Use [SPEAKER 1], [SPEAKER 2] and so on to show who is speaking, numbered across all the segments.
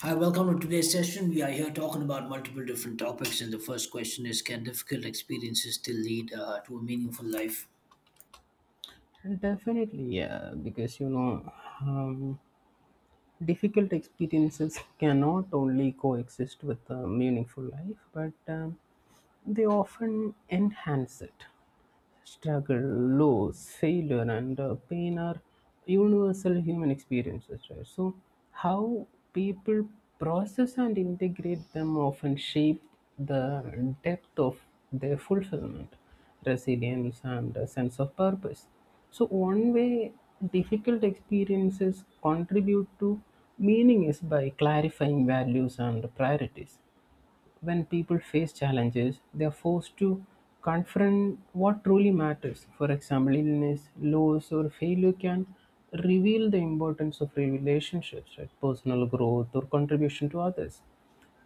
[SPEAKER 1] Hi, welcome to today's session. We are here talking about multiple different topics, and the first question is: Can difficult experiences still lead to a meaningful life?
[SPEAKER 2] Definitely, yeah, because um, difficult experiences cannot only coexist with a meaningful life, but they often enhance it struggle, loss, failure, and pain are universal human experiences, right? So, how people process and integrate them often shape the depth of their fulfillment, resilience, and a sense of purpose. So, one way difficult experiences contribute to meaning is by clarifying values and priorities. When people face challenges, they are forced to confront what truly matters. For example, illness, loss, or failure can reveal the importance of relationships, right? Personal growth, or contribution to others.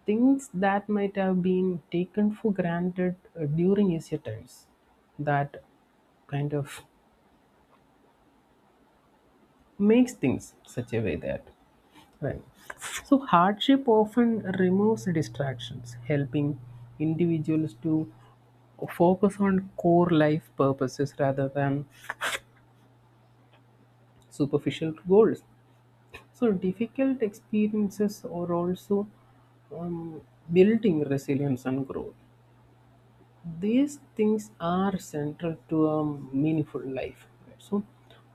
[SPEAKER 2] Things that might have been taken for granted during easier times. That kind of makes things such a way that right, so hardship often removes distractions helping individuals to focus on core life purposes rather than superficial goals. So difficult experiences are also um, building resilience and growth, these things are central to a meaningful life, right? So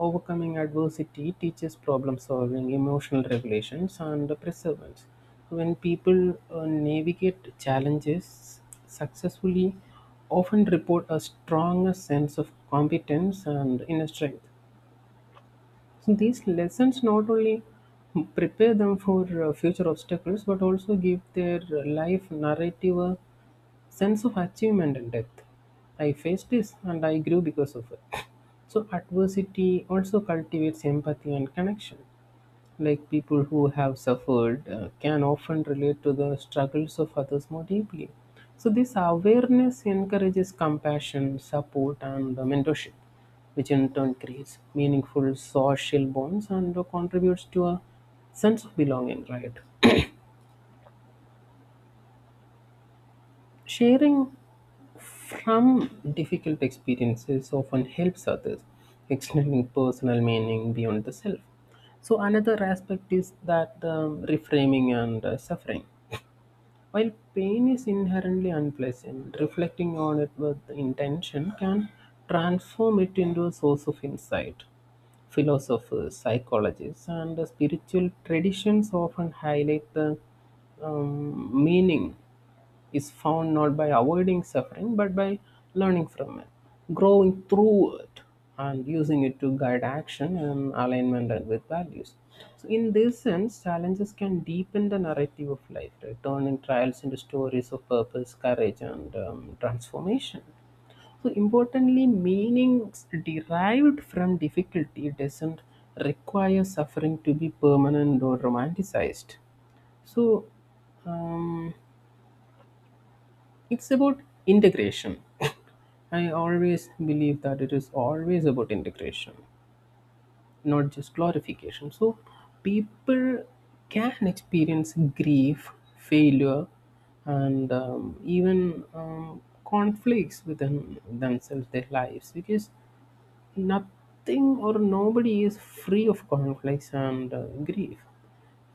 [SPEAKER 2] overcoming adversity teaches problem solving, emotional regulations, and perseverance. When people navigate challenges successfully often report a stronger sense of competence and inner strength. So these lessons not only prepare them for future obstacles but also give their life narrative a sense of achievement and depth. I faced this and I grew because of it. So adversity also cultivates empathy and connection, like people who have suffered can often relate to the struggles of others more deeply. So this awareness encourages compassion, support, and mentorship, which in turn creates meaningful social bonds and contributes to a sense of belonging, right? Sharing from difficult experiences often helps others, extending personal meaning beyond the self. So another aspect is that reframing and suffering. While pain is inherently unpleasant, reflecting on it with intention can transform it into a source of insight. Philosophers, psychologists, and the spiritual traditions often highlight the meaning is found not by avoiding suffering but by learning from it, growing through it, and using it to guide action and alignment and with values. So, in this sense, challenges can deepen the narrative of life, right? Turning trials into stories of purpose, courage, and transformation. So, importantly, meanings derived from difficulty doesn't require suffering to be permanent or romanticized. So, um, it's about integration. I always believe that it is always about integration, not just glorification. So people can experience grief, failure, and even conflicts within themselves, their lives, because nothing or nobody is free of conflicts and grief.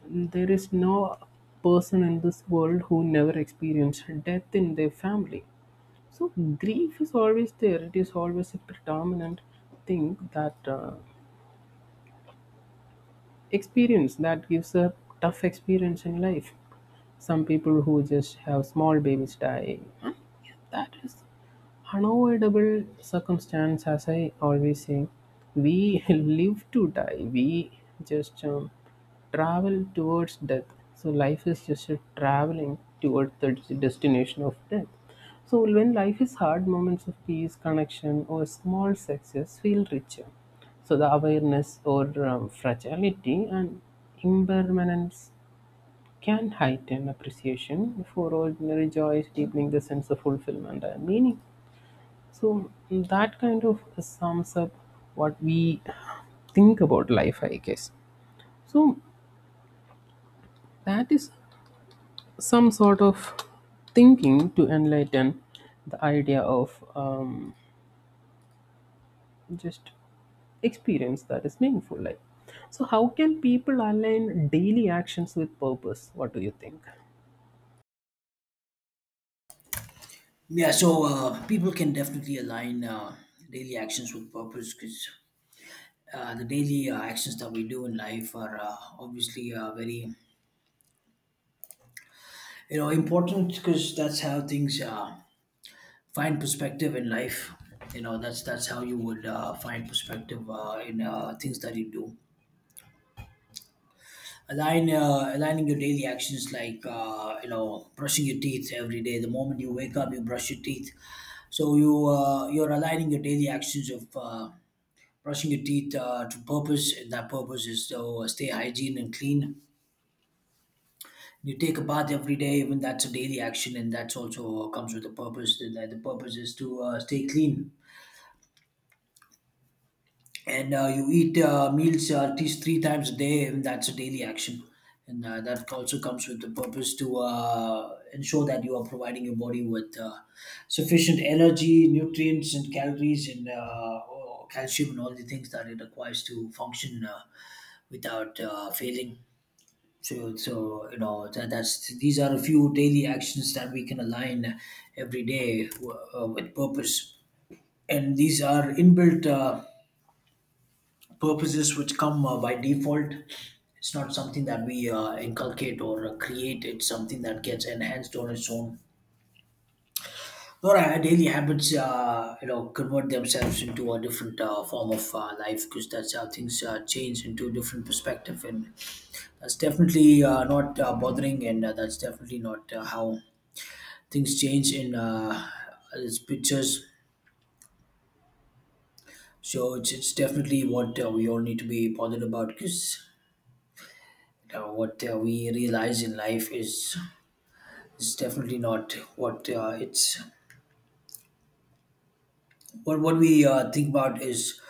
[SPEAKER 2] There is no person in this world who never experienced death in their family, so grief is always there. It is always a predominant thing that experience that gives a tough experience in life. Some people who just have small babies die. Huh? Yeah, that is unavoidable circumstance, as I always say, we live to die. We just travel towards death. So life is just a traveling towards the destination of death. So when life is hard, moments of peace, connection, or small success feel richer. So the awareness or fragility and impermanence can heighten appreciation for ordinary joys, deepening the sense of fulfillment and meaning. So that kind of sums up what we think about life, I guess. So that is some sort of thinking to enlighten the idea of just experience that is meaningful life. So how can people align daily actions with purpose? What do you think?
[SPEAKER 1] Yeah, so people can definitely align daily actions with purpose because the daily actions that we do in life are obviously very, you know, important because that's how things find perspective in life. You know, that's how you would find perspective in things that you do align aligning your daily actions like you know brushing your teeth every day the moment you wake up you brush your teeth, so you you're aligning your daily actions of brushing your teeth to purpose, and that purpose is to stay hygiene and clean. You take a bath every day, even that's a daily action, and that's also comes with a purpose, and that the purpose is to stay clean. And you eat meals at least three times a day, and that's a daily action. And that also comes with the purpose to ensure that you are providing your body with sufficient energy, nutrients, and calories, and or calcium, and all the things that it requires to function without failing. So, you know that, that's these are a few daily actions that we can align every day with purpose, and these are inbuilt. Purposes which come by default. It's not something that we inculcate or create. It's something that gets enhanced on its own. Or our daily habits, you know, convert themselves into a different form of life, because that's how things change into a different perspective. And that's definitely not bothering, and that's definitely not how things change in its pictures. So it's definitely what we all need to be bothered about, because what we realize in life is definitely not what it's what we think about is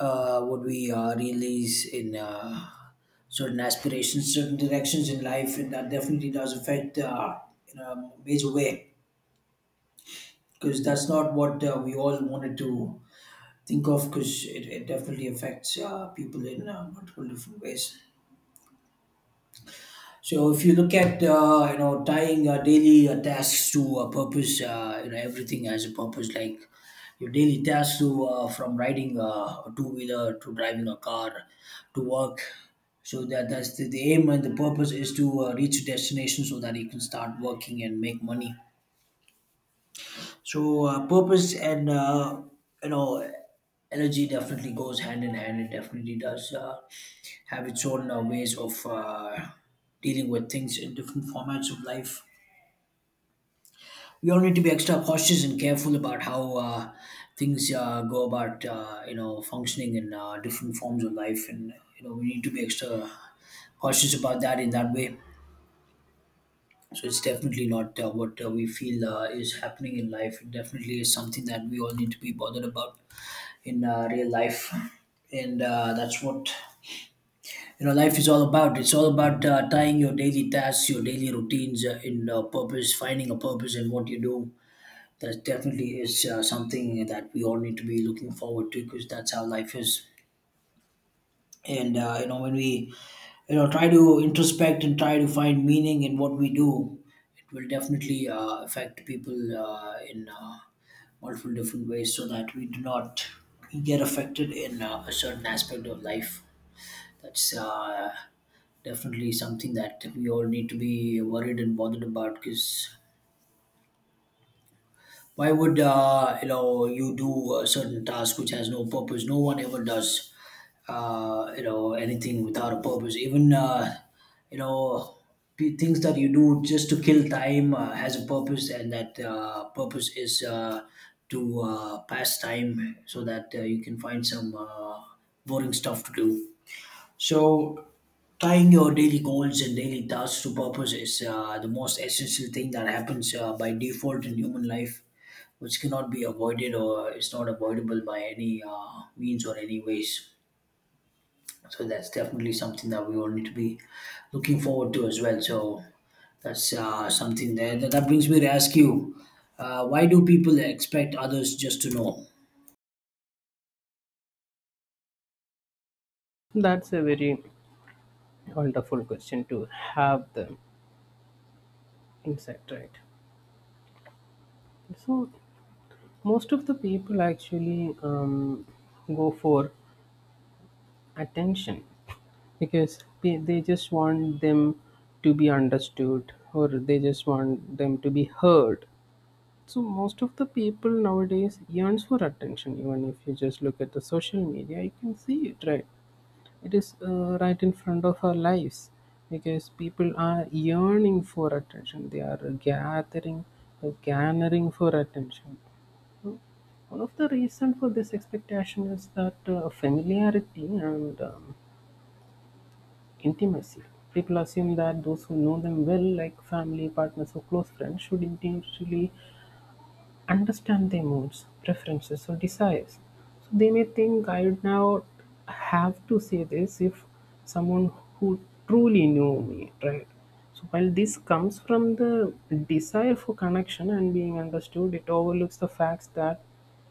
[SPEAKER 1] what we realize in certain aspirations, certain directions in life, and that definitely does affect in a major way, because that's not what we all wanted to think of, because it definitely affects people in multiple different ways. So if you look at you know tying daily tasks to a purpose, you know everything has a purpose. Like your daily tasks to from riding a two wheeler to driving a car to work. So that's the aim, and the purpose is to reach a destination so that you can start working and make money. So purpose and you know energy definitely goes hand in hand. It definitely does have its own ways of dealing with things in different formats of life. We all need to be extra cautious and careful about how things go about you know functioning in different forms of life, and you know we need to be extra cautious about that in that way. So it's definitely not what we feel is happening in life. It definitely is something that we all need to be bothered about, in real life. And that's what you know life is all about. It's all about tying your daily tasks, your daily routines in purpose, finding a purpose in what you do. That definitely is something that we all need to be looking forward to, because that's how life is. And you know when we you know try to introspect and try to find meaning in what we do, it will definitely affect people in multiple different ways, so that we do not get affected in a certain aspect of life. That's definitely something that we all need to be worried and bothered about, because why would you know you do a certain task which has no purpose? No one ever does you know anything without a purpose. Even you know things that you do just to kill time has a purpose, and that purpose is to pass time so that you can find some boring stuff to do. So tying your daily goals and daily tasks to purpose is the most essential thing that happens by default in human life, which cannot be avoided or is not avoidable by any means or any ways. So that's definitely something that we all need to be looking forward to as well. So that's something there. That brings me to ask you, why do people expect others just to know?
[SPEAKER 2] That's a very wonderful question to have the insight, right. So most of the people actually go for attention because they just want them to be understood or they just want them to be heard. So most of the people nowadays yearns for attention, even if you just look at the social media you can see it, right? It is right in front of our lives because people are yearning for attention, they are gathering garnering for attention. So one of the reason for this expectation is that familiarity and intimacy. People assume that those who know them well, like family, partners, or close friends, should intuitively understand their moods, preferences, or desires. So they may think I would now have to say this if someone who truly knew me, right? So while this comes from the desire for connection and being understood, it overlooks the facts that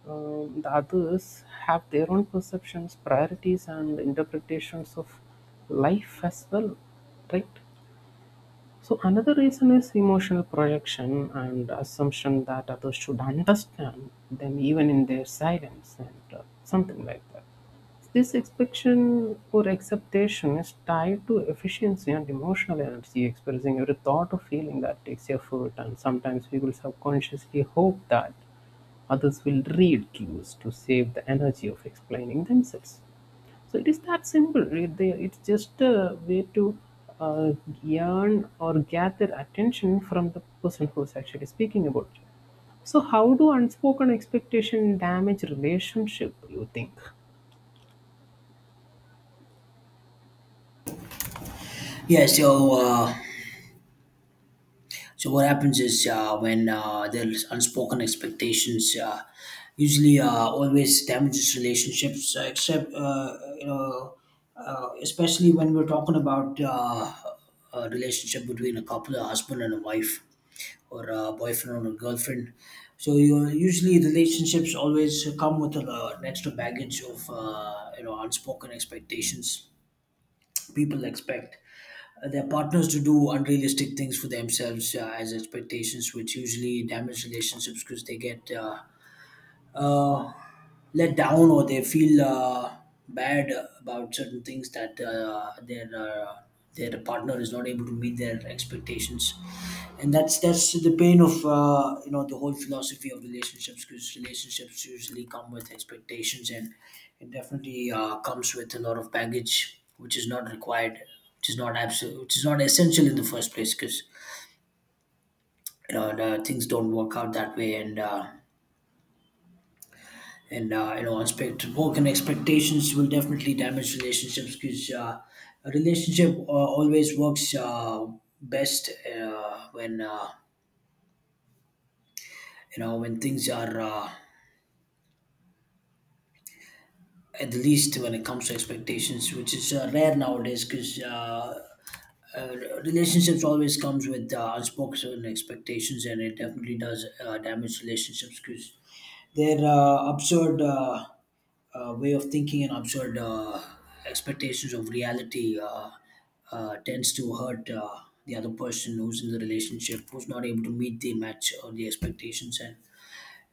[SPEAKER 2] the others have their own perceptions, priorities, and interpretations of life as well, right? So another reason is emotional projection and assumption that others should understand them even in their silence and something like that. This expectation or acceptation is tied to efficiency and emotional energy, expressing every thought or feeling that takes effort, and sometimes people subconsciously hope that others will read cues to save the energy of explaining themselves. So it is that simple. It's just a way to uh, earn or gather attention from the person who's actually speaking about you. So how do unspoken expectation damage relationship? You think?
[SPEAKER 1] Yeah, so so what happens is when there's unspoken expectations, usually always damages relationships. Except you know, especially when we're talking about a relationship between a couple, a husband and a wife, or a boyfriend and a girlfriend. So you usually relationships always come with a, an extra baggage of you know unspoken expectations. People expect their partners to do unrealistic things for themselves as expectations, which usually damage relationships, because they get uh, let down, or they feel bad about certain things that their partner is not able to meet their expectations. And that's the pain of you know the whole philosophy of relationships, because relationships usually come with expectations, and it definitely comes with a lot of baggage which is not required, which is not absolute, which is not essential in the first place, because you know the things don't work out that way and. And you know expect broken expectations will definitely damage relationships, because a relationship always works best when you know when things are at the least when it comes to expectations, which is rare nowadays, because uh, relationships always comes with unspoken expectations, and it definitely does damage relationships, because their absurd way of thinking and absurd expectations of reality tends to hurt the other person who's in the relationship, who's not able to meet the match or the expectations, and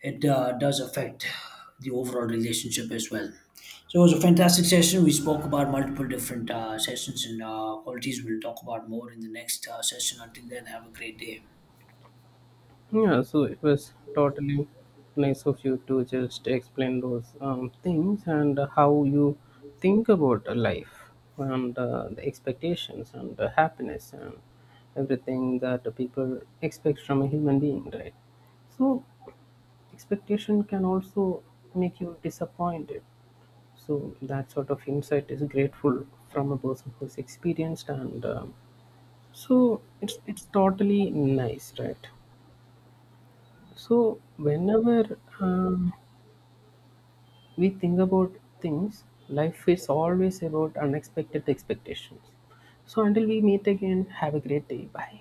[SPEAKER 1] it does affect the overall relationship as well. So it was a fantastic session. We spoke about multiple different sessions and qualities. We'll talk about more in the next session. Until then, have a great day.
[SPEAKER 2] Yeah, so it was totally nice of you to just explain those things and how you think about life and the expectations and the happiness and everything that the people expect from a human being, right? So, expectation can also make you disappointed. So, that sort of insight is grateful from a person who's experienced, and so it's totally nice, right? So, whenever we think about things, life is always about unexpected expectations. So, until we meet again, have a great day. Bye.